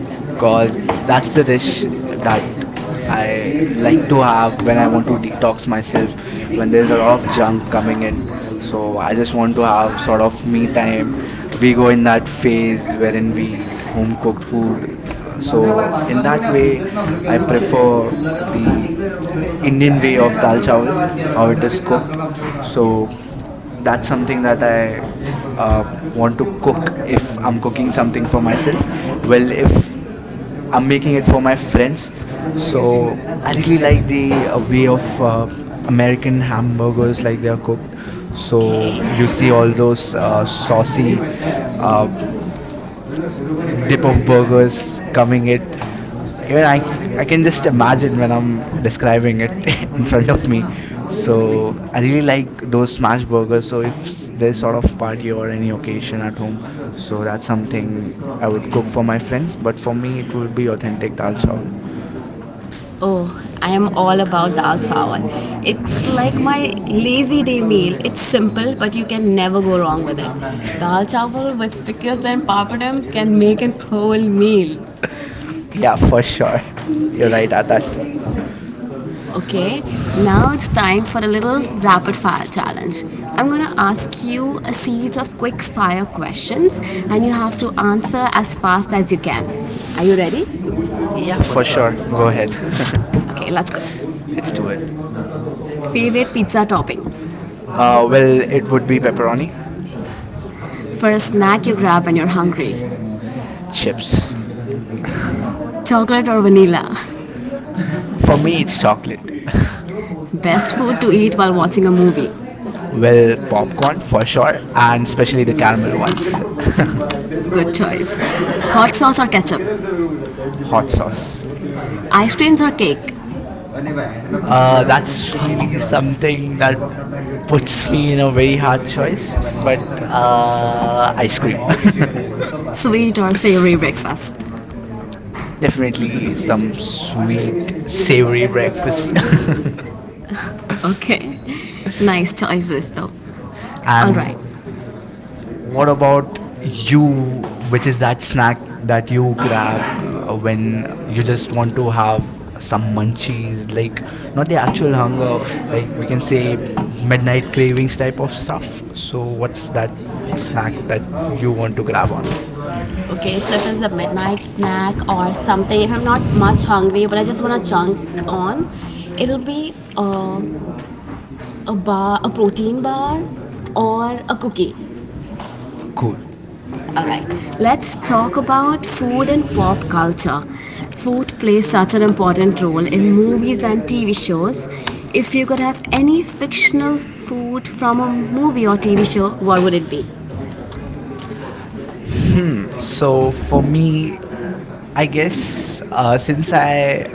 Speaker 1: because
Speaker 2: Cause that's
Speaker 1: that's the
Speaker 2: the
Speaker 1: dish
Speaker 2: dish that
Speaker 1: I
Speaker 2: I like
Speaker 1: need
Speaker 2: to
Speaker 1: to
Speaker 2: have
Speaker 1: have
Speaker 2: when
Speaker 1: when
Speaker 2: I
Speaker 1: I'm
Speaker 2: want to
Speaker 1: on top.
Speaker 2: detox myself,
Speaker 1: But
Speaker 2: when
Speaker 1: there's
Speaker 2: there's
Speaker 1: a
Speaker 2: a lot
Speaker 1: lot of
Speaker 2: of
Speaker 1: junk
Speaker 2: junk coming in.
Speaker 1: around,
Speaker 2: So
Speaker 1: so
Speaker 2: I
Speaker 1: I
Speaker 2: just
Speaker 1: just
Speaker 2: want
Speaker 1: want
Speaker 2: to
Speaker 1: to
Speaker 2: have
Speaker 1: have
Speaker 2: sort
Speaker 1: sort
Speaker 2: of
Speaker 1: of
Speaker 2: me
Speaker 1: me
Speaker 2: time.
Speaker 1: time.
Speaker 2: We
Speaker 1: We
Speaker 2: go
Speaker 1: go
Speaker 2: in
Speaker 1: in that
Speaker 2: that
Speaker 1: phase
Speaker 2: phase
Speaker 1: where
Speaker 2: wherein we
Speaker 1: we need
Speaker 2: eat home
Speaker 1: to
Speaker 2: cooked
Speaker 1: cook
Speaker 2: food. Uh,
Speaker 1: food.
Speaker 2: So in
Speaker 1: So,
Speaker 2: that way, I prefer the
Speaker 1: India
Speaker 2: Indian way of dal
Speaker 1: has.
Speaker 2: chawal,
Speaker 1: So
Speaker 2: how it is cooked. So that's
Speaker 1: that
Speaker 2: something that I
Speaker 1: I
Speaker 2: uh, want
Speaker 1: want
Speaker 2: to
Speaker 1: to
Speaker 2: cook
Speaker 1: cook
Speaker 2: if I'm cooking something
Speaker 1: something
Speaker 2: for
Speaker 1: for
Speaker 2: myself.
Speaker 1: my
Speaker 2: Well,
Speaker 1: friend.
Speaker 2: if I'm making it for my
Speaker 1: My friend. So
Speaker 2: friends.
Speaker 1: I feel like
Speaker 2: So I really like the
Speaker 1: the
Speaker 2: way
Speaker 1: way
Speaker 2: of
Speaker 1: of uh, American
Speaker 2: American hamburgers, like they are cooked.
Speaker 1: food. So you
Speaker 2: So you
Speaker 1: see
Speaker 2: see
Speaker 1: all
Speaker 2: all those
Speaker 1: those saucy,
Speaker 2: saucy uh,
Speaker 1: uh,
Speaker 2: dip of
Speaker 1: different burgers
Speaker 2: burgers coming
Speaker 1: coming
Speaker 2: it.
Speaker 1: in.
Speaker 2: Even I,
Speaker 1: Yeah,
Speaker 2: c-
Speaker 1: I
Speaker 2: I can
Speaker 1: can
Speaker 2: just
Speaker 1: imagine
Speaker 2: imagine when
Speaker 1: them.
Speaker 2: I'm
Speaker 1: I'm in
Speaker 2: describing it in front
Speaker 1: front
Speaker 2: of
Speaker 1: of me.
Speaker 2: me. So
Speaker 1: So I.
Speaker 2: I really like those smash burgers.
Speaker 1: There's
Speaker 2: So if there's sort of party or any
Speaker 1: notification
Speaker 2: occasion at home,
Speaker 1: I. So
Speaker 2: so that's
Speaker 1: that's something
Speaker 2: something
Speaker 1: I
Speaker 2: I
Speaker 1: would do
Speaker 2: would cook
Speaker 1: for
Speaker 2: for
Speaker 1: my
Speaker 2: my friends.
Speaker 1: friend, but
Speaker 2: But for me, it will be authentic dal chawal.
Speaker 1: oh, I am all about dal chawal. It's like my lazy day meal. It's simple, but you can never go wrong with it. Dal chawal with pickles and papadum can make a whole meal.
Speaker 2: Yeah,
Speaker 1: Yeah,
Speaker 2: for
Speaker 1: for sure.
Speaker 2: sure. You're
Speaker 1: You're like
Speaker 2: right,
Speaker 1: that.
Speaker 2: Adarsh.
Speaker 1: that. Okay, now it's time for a little rapid fire challenge. I'm gonna ask you a series of quick fire questions and you have to answer as fast as you can. Are you ready?
Speaker 2: Yeah,
Speaker 1: For
Speaker 2: for sure. Go
Speaker 1: sure.
Speaker 2: ahead.
Speaker 1: Okay, let's go.
Speaker 2: Let's do it.
Speaker 1: Favorite pizza topping? Um,
Speaker 2: Well, it would be pepperoni.
Speaker 1: First snack you grab when you're hungry? Chips.
Speaker 2: Chips.
Speaker 1: Chocolate or vanilla? For
Speaker 2: For
Speaker 1: me,
Speaker 2: me,
Speaker 1: it's
Speaker 2: it's chocolate.
Speaker 1: chocolate. Best food to eat while watching a movie?
Speaker 2: Well, popcorn for sure, and
Speaker 1: And
Speaker 2: especially
Speaker 1: especially
Speaker 2: the
Speaker 1: the
Speaker 2: caramel ones.
Speaker 1: Italian ones. Good choice. Hot sauce or ketchup?
Speaker 2: Hot sauce.
Speaker 1: Ice creams or cake?
Speaker 2: That's really something that puts me in a very hard choice, but ice cream.
Speaker 1: Uh, Sweet or savory breakfast?
Speaker 2: Definitely
Speaker 1: Definitely some
Speaker 2: some sweet,
Speaker 1: sweet,
Speaker 2: savory
Speaker 1: savory
Speaker 2: breakfast.
Speaker 1: breakfast. Okay. Nice choices though. And all
Speaker 2: And
Speaker 1: right. What
Speaker 2: what about you,
Speaker 1: you
Speaker 2: which is that snack that
Speaker 1: that you
Speaker 2: you grab
Speaker 1: grab
Speaker 2: when
Speaker 1: when you
Speaker 2: you
Speaker 1: just
Speaker 2: just
Speaker 1: want
Speaker 2: want to have some
Speaker 1: some munching,
Speaker 2: munchies, like
Speaker 1: like
Speaker 2: not
Speaker 1: not
Speaker 2: the
Speaker 1: the actual
Speaker 2: actual hunger,
Speaker 1: hunger,
Speaker 2: like
Speaker 1: like
Speaker 2: we
Speaker 1: you
Speaker 2: can
Speaker 1: can say
Speaker 2: say
Speaker 1: med-
Speaker 2: midnight cravings type of
Speaker 1: stuff.
Speaker 2: stuff? So,
Speaker 1: So it's
Speaker 2: what's
Speaker 1: that
Speaker 2: that snack
Speaker 1: snack
Speaker 2: that
Speaker 1: that you
Speaker 2: you want
Speaker 1: want to
Speaker 2: to grab on?
Speaker 1: grab. Okay, so if it's a midnight snack or something, if I'm not much hungry but I just want to chunk on, it'll be a bar, a protein bar, or a cookie.
Speaker 2: Cool.
Speaker 1: All right, let's talk about food and pop culture. Food plays such an important role in movies and TV shows. If you could have any fictional food from a movie or TV show, what would it be?
Speaker 2: Hmm.
Speaker 1: So
Speaker 2: So
Speaker 1: for
Speaker 2: for
Speaker 1: me,
Speaker 2: me,
Speaker 1: I
Speaker 2: I guess
Speaker 1: guess since
Speaker 2: since
Speaker 1: I
Speaker 2: I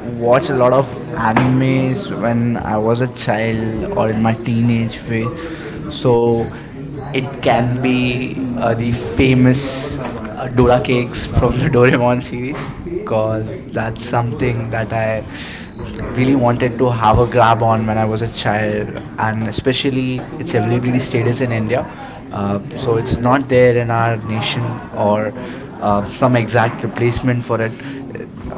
Speaker 2: watch a lot of
Speaker 1: was
Speaker 2: animes when
Speaker 1: when I
Speaker 2: I
Speaker 1: was
Speaker 2: was a
Speaker 1: a
Speaker 2: child
Speaker 1: child or
Speaker 2: or in my
Speaker 1: my teenage
Speaker 2: teenage phase,
Speaker 1: phase. So
Speaker 2: so it
Speaker 1: it can
Speaker 2: can
Speaker 1: be
Speaker 2: be the
Speaker 1: the famous
Speaker 2: famous Dora
Speaker 1: Dora cakes
Speaker 2: cakes
Speaker 1: from
Speaker 2: from the
Speaker 1: the Doraemon
Speaker 2: Doraemon series,
Speaker 1: series
Speaker 2: because
Speaker 1: because
Speaker 2: that's
Speaker 1: that's
Speaker 2: something
Speaker 1: something
Speaker 2: that
Speaker 1: that
Speaker 2: I
Speaker 1: I
Speaker 2: really
Speaker 1: really want
Speaker 2: wanted to have a grab on when
Speaker 1: when
Speaker 2: I
Speaker 1: I
Speaker 2: was
Speaker 1: was
Speaker 2: a
Speaker 1: a child.
Speaker 2: child,
Speaker 1: And
Speaker 2: and
Speaker 1: it's,
Speaker 2: especially its
Speaker 1: it's a
Speaker 2: availability
Speaker 1: gluten
Speaker 2: status
Speaker 1: staples
Speaker 2: in
Speaker 1: in India.
Speaker 2: India. Uh, so it's
Speaker 1: From
Speaker 2: not there in our nation,
Speaker 1: or
Speaker 2: or some
Speaker 1: from exact
Speaker 2: exact replacement
Speaker 1: place.
Speaker 2: for it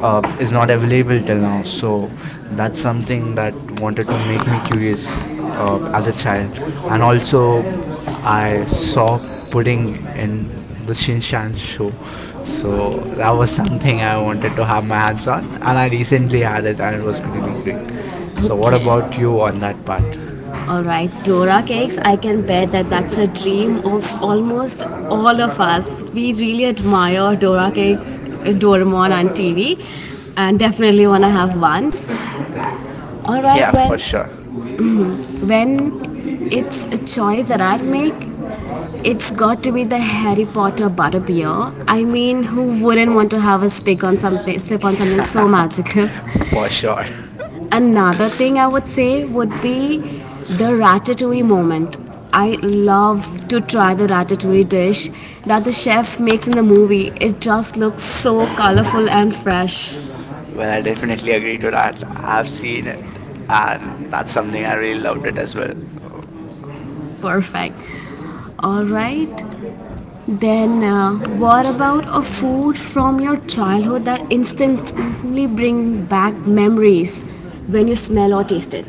Speaker 2: is not available till now.
Speaker 1: Alive. So
Speaker 2: So that's
Speaker 1: that's
Speaker 2: something
Speaker 1: something that
Speaker 2: that
Speaker 1: wanted
Speaker 2: wanted
Speaker 1: to
Speaker 2: to make
Speaker 1: make
Speaker 2: me
Speaker 1: me curious
Speaker 2: curious as
Speaker 1: as
Speaker 2: a
Speaker 1: a child.
Speaker 2: child, and
Speaker 1: And also,
Speaker 2: also
Speaker 1: I
Speaker 2: I saw
Speaker 1: saw pudding
Speaker 2: pudding
Speaker 1: in
Speaker 2: in the
Speaker 1: the
Speaker 2: Shin Shan
Speaker 1: show.
Speaker 2: show,
Speaker 1: So
Speaker 2: so that
Speaker 1: that
Speaker 2: was
Speaker 1: was something
Speaker 2: something I
Speaker 1: I wanted
Speaker 2: wanted to have my
Speaker 1: to.
Speaker 2: hands
Speaker 1: So,
Speaker 2: on,
Speaker 1: and
Speaker 2: and
Speaker 1: I
Speaker 2: I recently
Speaker 1: recently
Speaker 2: had it, and it was really great. So what about you
Speaker 1: okay.
Speaker 2: on that part?
Speaker 1: All right, Dora cakes. I can bet that that's a dream of almost all of us. We really admire Dora cakes, Doraemon on TV, and definitely want to have once. All right,
Speaker 2: Yeah, for
Speaker 1: when
Speaker 2: sure.
Speaker 1: when it's a choice that I'd make, it's got to be the Harry Potter butterbeer. I mean, who wouldn't
Speaker 2: Oh,
Speaker 1: want to have a sip on something so magical?
Speaker 2: for sure.
Speaker 1: Another thing I would say would be the ratatouille moment. I love to try the ratatouille dish that the chef makes in the movie. It just looks so colorful and fresh.
Speaker 2: Well, I definitely agree to that. I've
Speaker 1: I've seen
Speaker 2: seen
Speaker 1: it,
Speaker 2: it, and
Speaker 1: and that's
Speaker 2: that's something
Speaker 1: something
Speaker 2: I
Speaker 1: I
Speaker 2: really loved it as well.
Speaker 1: perfect. All right. Then, what about a food from your childhood that instantly bring back memories when you smell or taste it?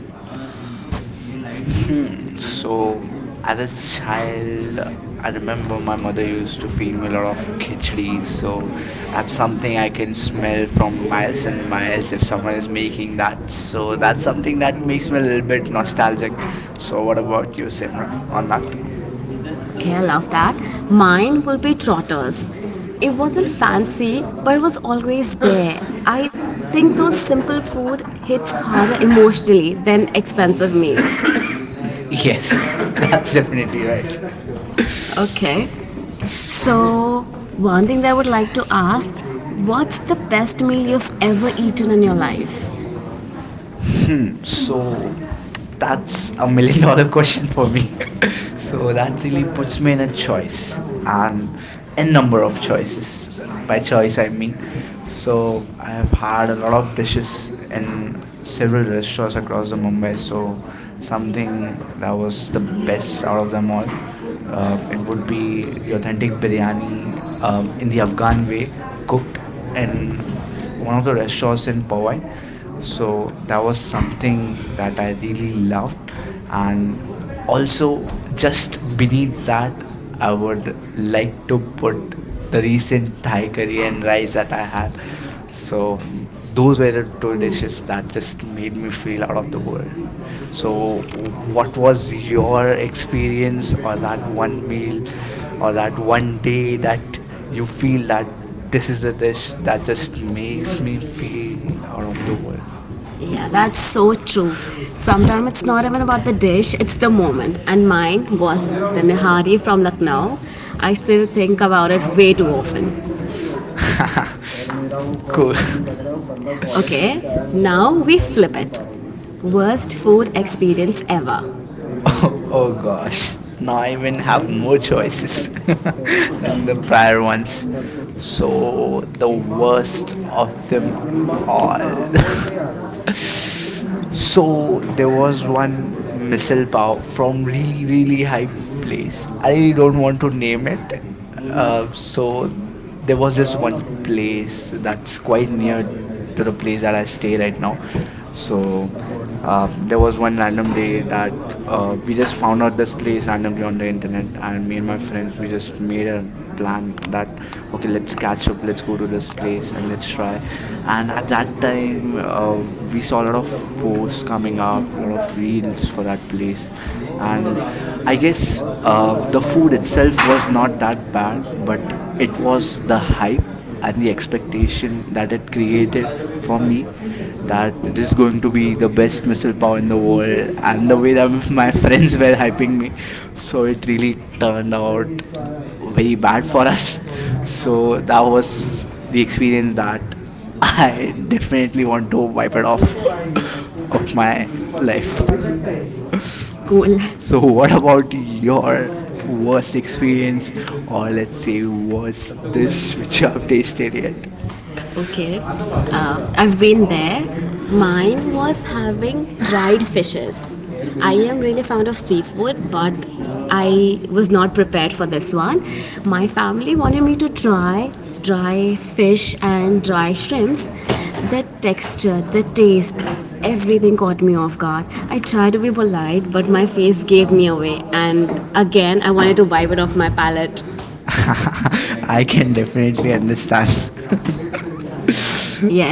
Speaker 1: So
Speaker 2: So, as a
Speaker 1: that's how
Speaker 2: child, I
Speaker 1: I remember
Speaker 2: remember my
Speaker 1: my
Speaker 2: mother
Speaker 1: mother used
Speaker 2: used
Speaker 1: to
Speaker 2: to
Speaker 1: feed
Speaker 2: feed me a
Speaker 1: me
Speaker 2: lot
Speaker 1: off
Speaker 2: of khichdi.
Speaker 1: kitchen. So
Speaker 2: So, that's
Speaker 1: that's
Speaker 2: something
Speaker 1: something
Speaker 2: I
Speaker 1: I can
Speaker 2: can
Speaker 1: smell
Speaker 2: smell from
Speaker 1: from miles
Speaker 2: miles and
Speaker 1: and miles,
Speaker 2: miles if
Speaker 1: like
Speaker 2: someone
Speaker 1: someone is
Speaker 2: is
Speaker 1: making.
Speaker 2: making that.
Speaker 1: So
Speaker 2: So, that's
Speaker 1: that's something
Speaker 2: something
Speaker 1: that
Speaker 2: that
Speaker 1: makes
Speaker 2: makes me a
Speaker 1: me
Speaker 2: little bit nostalgic.
Speaker 1: nostalgic.
Speaker 2: So,
Speaker 1: So
Speaker 2: what about you, Simra, on that?
Speaker 1: okay, I love that. Mine will be trotters. It wasn't fancy, but it was always there. I think those simple food hits harder emotionally than expensive meals. Yes,
Speaker 2: Yes, that's
Speaker 1: that's
Speaker 2: definitely
Speaker 1: it.
Speaker 2: right.
Speaker 1: Okay. So, one thing that I would like to ask what's the best meal you've ever eaten in your life?
Speaker 2: Hmm, so,
Speaker 1: So
Speaker 2: that's
Speaker 1: that's a
Speaker 2: a million
Speaker 1: million dollar
Speaker 2: dollar
Speaker 1: question
Speaker 2: question
Speaker 1: for
Speaker 2: for
Speaker 1: me.
Speaker 2: me. So
Speaker 1: So that
Speaker 2: that really
Speaker 1: gives
Speaker 2: puts me
Speaker 1: me
Speaker 2: in a
Speaker 1: a choice,
Speaker 2: choice and a
Speaker 1: a number
Speaker 2: number
Speaker 1: of
Speaker 2: of choices.
Speaker 1: choices. By
Speaker 2: By choice,
Speaker 1: choice I
Speaker 2: I
Speaker 1: mean,
Speaker 2: mean.
Speaker 1: so
Speaker 2: So I have
Speaker 1: I
Speaker 2: had a lot
Speaker 1: love
Speaker 2: of
Speaker 1: dishes
Speaker 2: dishes
Speaker 1: in
Speaker 2: in several
Speaker 1: several
Speaker 2: restaurants
Speaker 1: restaurants
Speaker 2: across
Speaker 1: across
Speaker 2: the
Speaker 1: the Mumbai.
Speaker 2: Mumbai. So
Speaker 1: So something
Speaker 2: something that
Speaker 1: I
Speaker 2: was
Speaker 1: was
Speaker 2: the
Speaker 1: the
Speaker 2: best
Speaker 1: best
Speaker 2: out
Speaker 1: out
Speaker 2: of
Speaker 1: of
Speaker 2: them
Speaker 1: them
Speaker 2: all,
Speaker 1: all, I
Speaker 2: it
Speaker 1: would
Speaker 2: would
Speaker 1: be
Speaker 2: be the
Speaker 1: the
Speaker 2: authentic
Speaker 1: authentic
Speaker 2: biryani
Speaker 1: biryani
Speaker 2: in
Speaker 1: in
Speaker 2: the
Speaker 1: the
Speaker 2: Afghan
Speaker 1: Afghan way.
Speaker 2: way, cooked in one of
Speaker 1: And
Speaker 2: the restaurants in Powai, so that
Speaker 1: so
Speaker 2: was
Speaker 1: something
Speaker 2: something that
Speaker 1: that
Speaker 2: I
Speaker 1: I
Speaker 2: really
Speaker 1: really know
Speaker 2: loved, and
Speaker 1: and also
Speaker 2: also just beneath
Speaker 1: believe that
Speaker 2: that I would like to
Speaker 1: for
Speaker 2: put the
Speaker 1: the
Speaker 2: recent
Speaker 1: recent
Speaker 2: Thai
Speaker 1: high career
Speaker 2: curry and
Speaker 1: and
Speaker 2: rice
Speaker 1: rise
Speaker 2: that
Speaker 1: that
Speaker 2: I
Speaker 1: I had.
Speaker 2: had.
Speaker 1: So
Speaker 2: So those
Speaker 1: those
Speaker 2: were the
Speaker 1: are two
Speaker 2: two dishes
Speaker 1: wishes that
Speaker 2: that
Speaker 1: just
Speaker 2: just
Speaker 1: made
Speaker 2: made me
Speaker 1: me
Speaker 2: feel
Speaker 1: feel
Speaker 2: out
Speaker 1: out of
Speaker 2: of
Speaker 1: the
Speaker 2: the
Speaker 1: world.
Speaker 2: world.
Speaker 1: So
Speaker 2: So what
Speaker 1: what
Speaker 2: was
Speaker 1: was your
Speaker 2: your
Speaker 1: experience
Speaker 2: experience,
Speaker 1: or
Speaker 2: or that
Speaker 1: one
Speaker 2: one meal
Speaker 1: meal
Speaker 2: or
Speaker 1: or
Speaker 2: that one
Speaker 1: one
Speaker 2: day
Speaker 1: day that
Speaker 2: that you feel that this is the dish that
Speaker 1: just
Speaker 2: just
Speaker 1: makes
Speaker 2: makes me
Speaker 1: me feel
Speaker 2: feel out of the world?
Speaker 1: yeah, that's so true. Sometimes it's not even about the dish, it's the moment. And mine was the Nihari from Lucknow. I still think about it way too often.
Speaker 2: Cool.
Speaker 1: Okay, now we flip it. Worst food experience ever.
Speaker 2: Oh, oh
Speaker 1: Oh
Speaker 2: gosh.
Speaker 1: gosh.
Speaker 2: Now I even have
Speaker 1: No
Speaker 2: more
Speaker 1: choices.
Speaker 2: choices than the
Speaker 1: Chocolate fire
Speaker 2: prior ones.
Speaker 1: ones.
Speaker 2: So
Speaker 1: The
Speaker 2: the
Speaker 1: worst
Speaker 2: worst of
Speaker 1: of
Speaker 2: them
Speaker 1: them.
Speaker 2: all.
Speaker 1: There
Speaker 2: So there was
Speaker 1: was
Speaker 2: one
Speaker 1: one miss.
Speaker 2: missile power from really really high place.
Speaker 1: I
Speaker 2: I don't want to name it.
Speaker 1: Uh,
Speaker 2: Uh,
Speaker 1: so
Speaker 2: so there was
Speaker 1: this
Speaker 2: this
Speaker 1: one
Speaker 2: one
Speaker 1: place
Speaker 2: place that's
Speaker 1: quite
Speaker 2: quite
Speaker 1: a
Speaker 2: near to
Speaker 1: bit
Speaker 2: the place
Speaker 1: of
Speaker 2: that I
Speaker 1: a stay
Speaker 2: stay
Speaker 1: right
Speaker 2: right
Speaker 1: now.
Speaker 2: now.
Speaker 1: So,
Speaker 2: So
Speaker 1: uh,
Speaker 2: there was one
Speaker 1: random
Speaker 2: random
Speaker 1: day
Speaker 2: day
Speaker 1: that
Speaker 2: that
Speaker 1: we
Speaker 2: we just
Speaker 1: just
Speaker 2: found out
Speaker 1: found this
Speaker 2: this place
Speaker 1: random
Speaker 2: randomly
Speaker 1: day
Speaker 2: on
Speaker 1: on the
Speaker 2: the internet,
Speaker 1: internet
Speaker 2: and
Speaker 1: and me
Speaker 2: me
Speaker 1: and
Speaker 2: and my
Speaker 1: my friend
Speaker 2: friends we
Speaker 1: were just
Speaker 2: just made
Speaker 1: made
Speaker 2: a
Speaker 1: a plan
Speaker 2: plan
Speaker 1: that
Speaker 2: that, okay,
Speaker 1: okay
Speaker 2: let's
Speaker 1: let's
Speaker 2: catch
Speaker 1: catch
Speaker 2: up,
Speaker 1: up, let's
Speaker 2: let's go
Speaker 1: go
Speaker 2: to
Speaker 1: to this
Speaker 2: this
Speaker 1: place
Speaker 2: place and
Speaker 1: and
Speaker 2: let's
Speaker 1: let's try.
Speaker 2: try. And
Speaker 1: And
Speaker 2: at
Speaker 1: at that
Speaker 2: that
Speaker 1: time
Speaker 2: time we
Speaker 1: we saw
Speaker 2: saw a
Speaker 1: a
Speaker 2: lot
Speaker 1: lot of
Speaker 2: of
Speaker 1: films
Speaker 2: posts
Speaker 1: coming
Speaker 2: coming
Speaker 1: out
Speaker 2: up, a lot
Speaker 1: and
Speaker 2: of
Speaker 1: really
Speaker 2: reels
Speaker 1: best for
Speaker 2: for
Speaker 1: that
Speaker 2: that place,
Speaker 1: place.
Speaker 2: and
Speaker 1: And
Speaker 2: I
Speaker 1: I guess
Speaker 2: guess the
Speaker 1: the
Speaker 2: food
Speaker 1: film itself
Speaker 2: itself was
Speaker 1: was
Speaker 2: not
Speaker 1: not
Speaker 2: that bad, but
Speaker 1: it
Speaker 2: it was
Speaker 1: was the
Speaker 2: the hype and
Speaker 1: and
Speaker 2: the
Speaker 1: the expectation
Speaker 2: expectation
Speaker 1: that
Speaker 2: that
Speaker 1: it
Speaker 2: it created
Speaker 1: created for
Speaker 2: for
Speaker 1: me
Speaker 2: me, that
Speaker 1: that this
Speaker 2: this
Speaker 1: is
Speaker 2: is
Speaker 1: going
Speaker 2: going
Speaker 1: to
Speaker 2: to
Speaker 1: be
Speaker 2: be the
Speaker 1: the best
Speaker 2: best
Speaker 1: missile
Speaker 2: missile
Speaker 1: power
Speaker 2: power in
Speaker 1: in
Speaker 2: the
Speaker 1: the world
Speaker 2: world,
Speaker 1: and
Speaker 2: and the
Speaker 1: the
Speaker 2: way
Speaker 1: way
Speaker 2: that
Speaker 1: that my
Speaker 2: my
Speaker 1: friends
Speaker 2: friends were
Speaker 1: were
Speaker 2: hyping
Speaker 1: helping me
Speaker 2: me, so
Speaker 1: so it
Speaker 2: it really
Speaker 1: really
Speaker 2: turned out
Speaker 1: uh,
Speaker 2: very
Speaker 1: really bad
Speaker 2: bad for us.
Speaker 1: the
Speaker 2: So that was the
Speaker 1: expect-
Speaker 2: experience that
Speaker 1: I
Speaker 2: I definitely
Speaker 1: definitely
Speaker 2: want
Speaker 1: want to
Speaker 2: to wipe it off of
Speaker 1: my
Speaker 2: my life.
Speaker 1: like cool.
Speaker 2: So what about
Speaker 1: Not
Speaker 2: your
Speaker 1: worst
Speaker 2: worst experience,
Speaker 1: experience or
Speaker 2: or let's
Speaker 1: let's say
Speaker 2: say worst
Speaker 1: worst
Speaker 2: dish which you have tasted yet?
Speaker 1: okay, I've been there. Mine was having dried fishes. I am really fond of seafood, but I was not prepared for this one. My family wanted me to try dry fish and dry shrimps. The texture, the taste, everything caught me off guard. I tried to be polite, but my face gave me away, and again, I wanted to wipe it off my palate.
Speaker 2: I
Speaker 1: I can
Speaker 2: can definitely
Speaker 1: definitely
Speaker 2: understand.
Speaker 1: understand.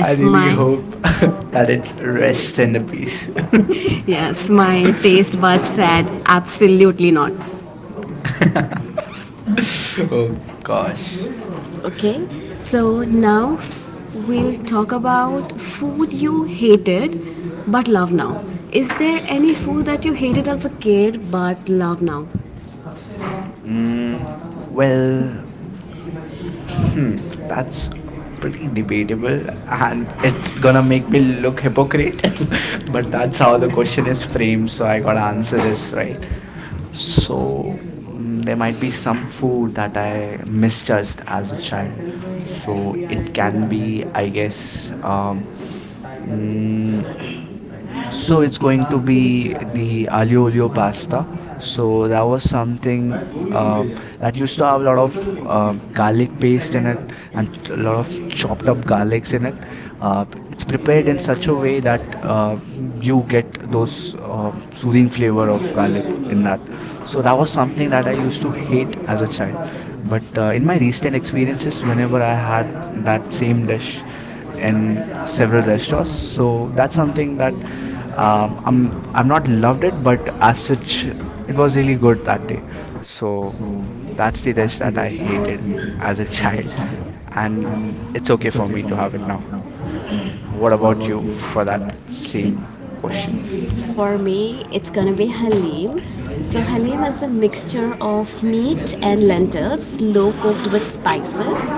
Speaker 2: I really
Speaker 1: my
Speaker 2: hope that it rests in the peace.
Speaker 1: yes, my taste buds said absolutely not.
Speaker 2: Oh gosh.
Speaker 1: Okay, so now we'll talk about food you hated but love now. Is there any food that you hated as a kid but love now?
Speaker 2: Mm, well, hmm, that's pretty debatable, and it's gonna make me look hypocrite, but that's
Speaker 1: That's
Speaker 2: how
Speaker 1: how
Speaker 2: the
Speaker 1: the
Speaker 2: question
Speaker 1: question
Speaker 2: is
Speaker 1: is
Speaker 2: framed,
Speaker 1: framed.
Speaker 2: so I
Speaker 1: The
Speaker 2: gotta answer
Speaker 1: answer
Speaker 2: this,
Speaker 1: is
Speaker 2: right?
Speaker 1: right.
Speaker 2: So, there might be some food
Speaker 1: Food
Speaker 2: that
Speaker 1: that
Speaker 2: I
Speaker 1: I missed as
Speaker 2: misjudged
Speaker 1: a child.
Speaker 2: as a child.
Speaker 1: So
Speaker 2: So, it
Speaker 1: it
Speaker 2: can
Speaker 1: can
Speaker 2: be,
Speaker 1: be,
Speaker 2: I
Speaker 1: I guess.
Speaker 2: guess, mm,
Speaker 1: Mm,
Speaker 2: so
Speaker 1: so
Speaker 2: it's
Speaker 1: it's going
Speaker 2: going
Speaker 1: to
Speaker 2: to
Speaker 1: be
Speaker 2: be the
Speaker 1: the alio
Speaker 2: aglio olio
Speaker 1: olio pasta.
Speaker 2: pasta.
Speaker 1: So
Speaker 2: So that was something that used to have a lot of
Speaker 1: something
Speaker 2: garlic
Speaker 1: taste
Speaker 2: paste in it,
Speaker 1: and
Speaker 2: and a lot of chopped up
Speaker 1: garlic.
Speaker 2: garlics in it. Uh,
Speaker 1: It's
Speaker 2: it's prepared in such a way that
Speaker 1: uh, you
Speaker 2: you
Speaker 1: get
Speaker 2: get those
Speaker 1: real
Speaker 2: soothing
Speaker 1: flavor
Speaker 2: flavor of
Speaker 1: of
Speaker 2: garlic
Speaker 1: pasta.
Speaker 2: in that.
Speaker 1: So
Speaker 2: So that was
Speaker 1: something
Speaker 2: something
Speaker 1: that
Speaker 2: that I
Speaker 1: I used
Speaker 2: used
Speaker 1: to
Speaker 2: to
Speaker 1: do
Speaker 2: hate as a
Speaker 1: as a child,
Speaker 2: child. But
Speaker 1: but
Speaker 2: in my recent
Speaker 1: experience is
Speaker 2: experiences,
Speaker 1: swimming
Speaker 2: whenever I had
Speaker 1: back
Speaker 2: that same
Speaker 1: seven dash
Speaker 2: dish in
Speaker 1: and seven
Speaker 2: several restaurants,
Speaker 1: dash. So
Speaker 2: so that's
Speaker 1: that's something
Speaker 2: something
Speaker 1: that
Speaker 2: that
Speaker 1: uh,
Speaker 2: I'm
Speaker 1: I'm, I'm
Speaker 2: I'm
Speaker 1: not
Speaker 2: not
Speaker 1: loved
Speaker 2: loved it,
Speaker 1: it, but
Speaker 2: but as
Speaker 1: as such,
Speaker 2: such, it
Speaker 1: it was
Speaker 2: was
Speaker 1: really
Speaker 2: really good
Speaker 1: good back
Speaker 2: that
Speaker 1: then.
Speaker 2: day.
Speaker 1: So
Speaker 2: So that's
Speaker 1: that's the
Speaker 2: the dish
Speaker 1: dish that
Speaker 2: that I
Speaker 1: I created
Speaker 2: hated as
Speaker 1: as
Speaker 2: a
Speaker 1: a
Speaker 2: child,
Speaker 1: child,
Speaker 2: and
Speaker 1: and
Speaker 2: it's
Speaker 1: it's
Speaker 2: okay
Speaker 1: okay for
Speaker 2: for me
Speaker 1: me to
Speaker 2: to have
Speaker 1: have
Speaker 2: it
Speaker 1: it now.
Speaker 2: now.
Speaker 1: What
Speaker 2: What
Speaker 1: about
Speaker 2: about
Speaker 1: you
Speaker 2: you for
Speaker 1: for that?
Speaker 2: that
Speaker 1: Okay.
Speaker 2: same question?
Speaker 1: For me, it's gonna be halim. So, halim is a mixture of meat and lentils, slow cooked with spices.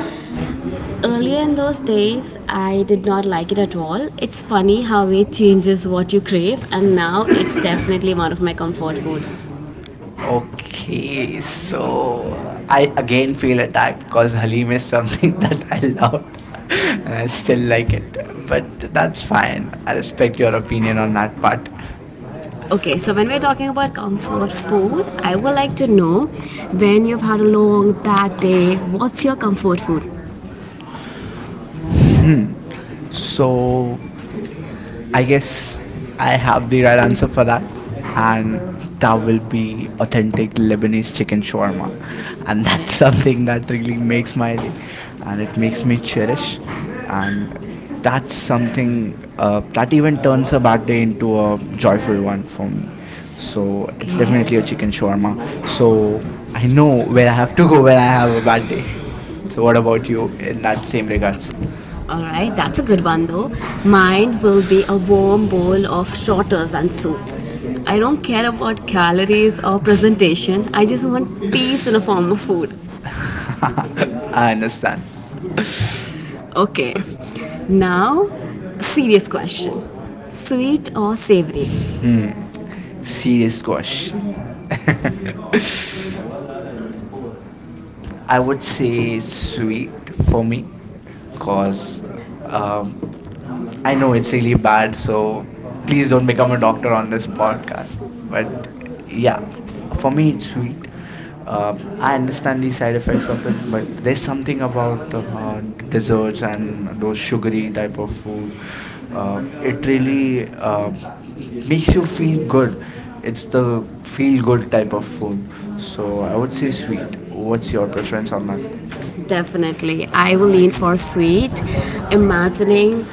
Speaker 1: Earlier in those days, I did not like it at all. It's funny how it changes what you crave, and now it's definitely one of my comfort food.
Speaker 2: Okay, so I again feel attacked because Halim
Speaker 1: Halim
Speaker 2: is
Speaker 1: is.
Speaker 2: something that I loved and I still like it, but that's fine. I respect your opinion on that part.
Speaker 1: Okay, so when we're talking about comfort food, I would like to know when you've had a long, bad day, what's your comfort food?
Speaker 2: Hmm. So, I guess I have
Speaker 1: So
Speaker 2: the right answer for that.
Speaker 1: and
Speaker 2: And that
Speaker 1: that will
Speaker 2: will
Speaker 1: be
Speaker 2: be
Speaker 1: authentic
Speaker 2: authentic
Speaker 1: Lebanese
Speaker 2: Lebanese chicken
Speaker 1: chicken
Speaker 2: shawarma.
Speaker 1: shawarma, and
Speaker 2: And that's something
Speaker 1: that
Speaker 2: that really
Speaker 1: really makes
Speaker 2: makes
Speaker 1: my
Speaker 2: my day. And it makes
Speaker 1: makes me
Speaker 2: me
Speaker 1: cherish.
Speaker 2: cherish. And
Speaker 1: And that's
Speaker 2: that's something
Speaker 1: something
Speaker 2: that even
Speaker 1: that
Speaker 2: turns
Speaker 1: turns
Speaker 2: a
Speaker 1: a
Speaker 2: bad
Speaker 1: bad day
Speaker 2: day into
Speaker 1: into
Speaker 2: a
Speaker 1: a joyful
Speaker 2: joyful
Speaker 1: one
Speaker 2: one
Speaker 1: for
Speaker 2: for
Speaker 1: me.
Speaker 2: me.
Speaker 1: So
Speaker 2: So
Speaker 1: okay.
Speaker 2: it's
Speaker 1: I like
Speaker 2: definitely a
Speaker 1: your
Speaker 2: chicken
Speaker 1: chicken shawarma.
Speaker 2: shawarma. So
Speaker 1: So
Speaker 2: I know
Speaker 1: I
Speaker 2: where I
Speaker 1: have
Speaker 2: have to
Speaker 1: to go
Speaker 2: go when I have a bad day. So, what about you in that same regards?
Speaker 1: all right, that's a good one though. Mine will be a warm bowl of shorters and soup. I don't care about calories or presentation. I just want peace in a form of food.
Speaker 2: I
Speaker 1: I understand.
Speaker 2: understand.
Speaker 1: Okay. Now, serious question. Sweet or savory?
Speaker 2: Hmm. Serious
Speaker 1: Serious
Speaker 2: question.
Speaker 1: question.
Speaker 2: I
Speaker 1: I
Speaker 2: would
Speaker 1: would say
Speaker 2: say
Speaker 1: sweet
Speaker 2: sweet for
Speaker 1: for
Speaker 2: me,
Speaker 1: me because
Speaker 2: because um,
Speaker 1: um, I
Speaker 2: I know
Speaker 1: know
Speaker 2: it's
Speaker 1: it's
Speaker 2: really
Speaker 1: English,
Speaker 2: bad. So
Speaker 1: so
Speaker 2: please don't become
Speaker 1: become
Speaker 2: a doctor on
Speaker 1: on
Speaker 2: this
Speaker 1: this podcast.
Speaker 2: podcast. But
Speaker 1: Well,
Speaker 2: yeah, for
Speaker 1: for
Speaker 2: me,
Speaker 1: me,
Speaker 2: it's
Speaker 1: it's sweet.
Speaker 2: sweet. Uh,
Speaker 1: Uh,
Speaker 2: I
Speaker 1: I
Speaker 2: understand
Speaker 1: understand
Speaker 2: the
Speaker 1: the
Speaker 2: side effects of it,
Speaker 1: perspective,
Speaker 2: but
Speaker 1: but
Speaker 2: there's
Speaker 1: this
Speaker 2: something about desserts
Speaker 1: is
Speaker 2: and those
Speaker 1: having
Speaker 2: sugary
Speaker 1: sugary type
Speaker 2: type of food.
Speaker 1: of Uh,
Speaker 2: It
Speaker 1: it,
Speaker 2: really
Speaker 1: uh, makes
Speaker 2: makes you
Speaker 1: us
Speaker 2: feel
Speaker 1: feel
Speaker 2: good.
Speaker 1: good. It's
Speaker 2: It's the feel good type of
Speaker 1: so
Speaker 2: food. So I
Speaker 1: I
Speaker 2: would
Speaker 1: would
Speaker 2: say
Speaker 1: say sweet.
Speaker 2: sweet. What's your preference on that?
Speaker 1: Like definitely. I will lean for sweet. Imagining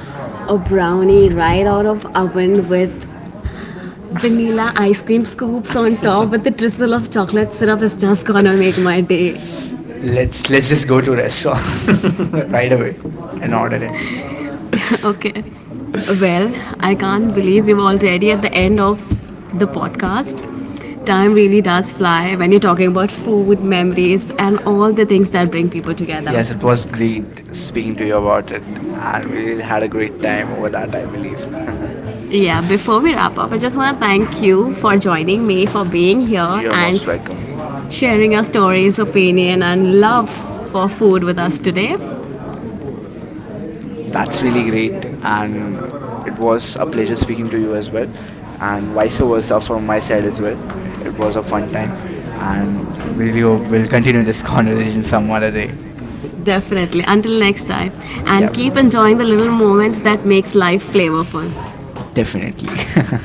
Speaker 1: a brownie right out of oven with vanilla ice cream scoops on top with the drizzle of chocolate syrup is just gonna make my day.
Speaker 2: Let's just go to a restaurant right
Speaker 1: Right
Speaker 2: away
Speaker 1: away
Speaker 2: and
Speaker 1: and
Speaker 2: order
Speaker 1: order
Speaker 2: it.
Speaker 1: okay. Well, I can't believe we're already at the end of the podcast. Time really does fly when you're talking about food, memories, and all the things that bring people together.
Speaker 2: Yes,
Speaker 1: Yes,
Speaker 2: together,
Speaker 1: it
Speaker 2: it was
Speaker 1: was really
Speaker 2: great speaking to
Speaker 1: speaking
Speaker 2: you
Speaker 1: to
Speaker 2: about it, and we
Speaker 1: we
Speaker 2: really had
Speaker 1: had a
Speaker 2: a
Speaker 1: great
Speaker 2: great time over that, I believe.
Speaker 1: time. Yeah, before we wrap up, I just want to thank you for joining me, for being
Speaker 2: You're
Speaker 1: here,
Speaker 2: here with
Speaker 1: and
Speaker 2: most us. Welcome.
Speaker 1: sharing your stories, opinion, and love for food with us today. That's
Speaker 2: That's really
Speaker 1: really great,
Speaker 2: great,
Speaker 1: and
Speaker 2: and it
Speaker 1: it was
Speaker 2: was
Speaker 1: a
Speaker 2: a
Speaker 1: pleasure
Speaker 2: pleasure
Speaker 1: speaking
Speaker 2: speaking
Speaker 1: to
Speaker 2: to
Speaker 1: you
Speaker 2: you
Speaker 1: as
Speaker 2: as
Speaker 1: well.
Speaker 2: well, and
Speaker 1: And like I
Speaker 2: vice versa from my side as well.
Speaker 1: said,
Speaker 2: It was a fun time, and I really
Speaker 1: we
Speaker 2: hope
Speaker 1: will
Speaker 2: we'll continue
Speaker 1: this
Speaker 2: this
Speaker 1: conversation
Speaker 2: conversation some
Speaker 1: someday.
Speaker 2: other day.
Speaker 1: Definitely. Until next time.
Speaker 2: Yeah,
Speaker 1: And keep enjoying the little moments that makes life flavorful.
Speaker 2: definitely.
Speaker 1: Definitely.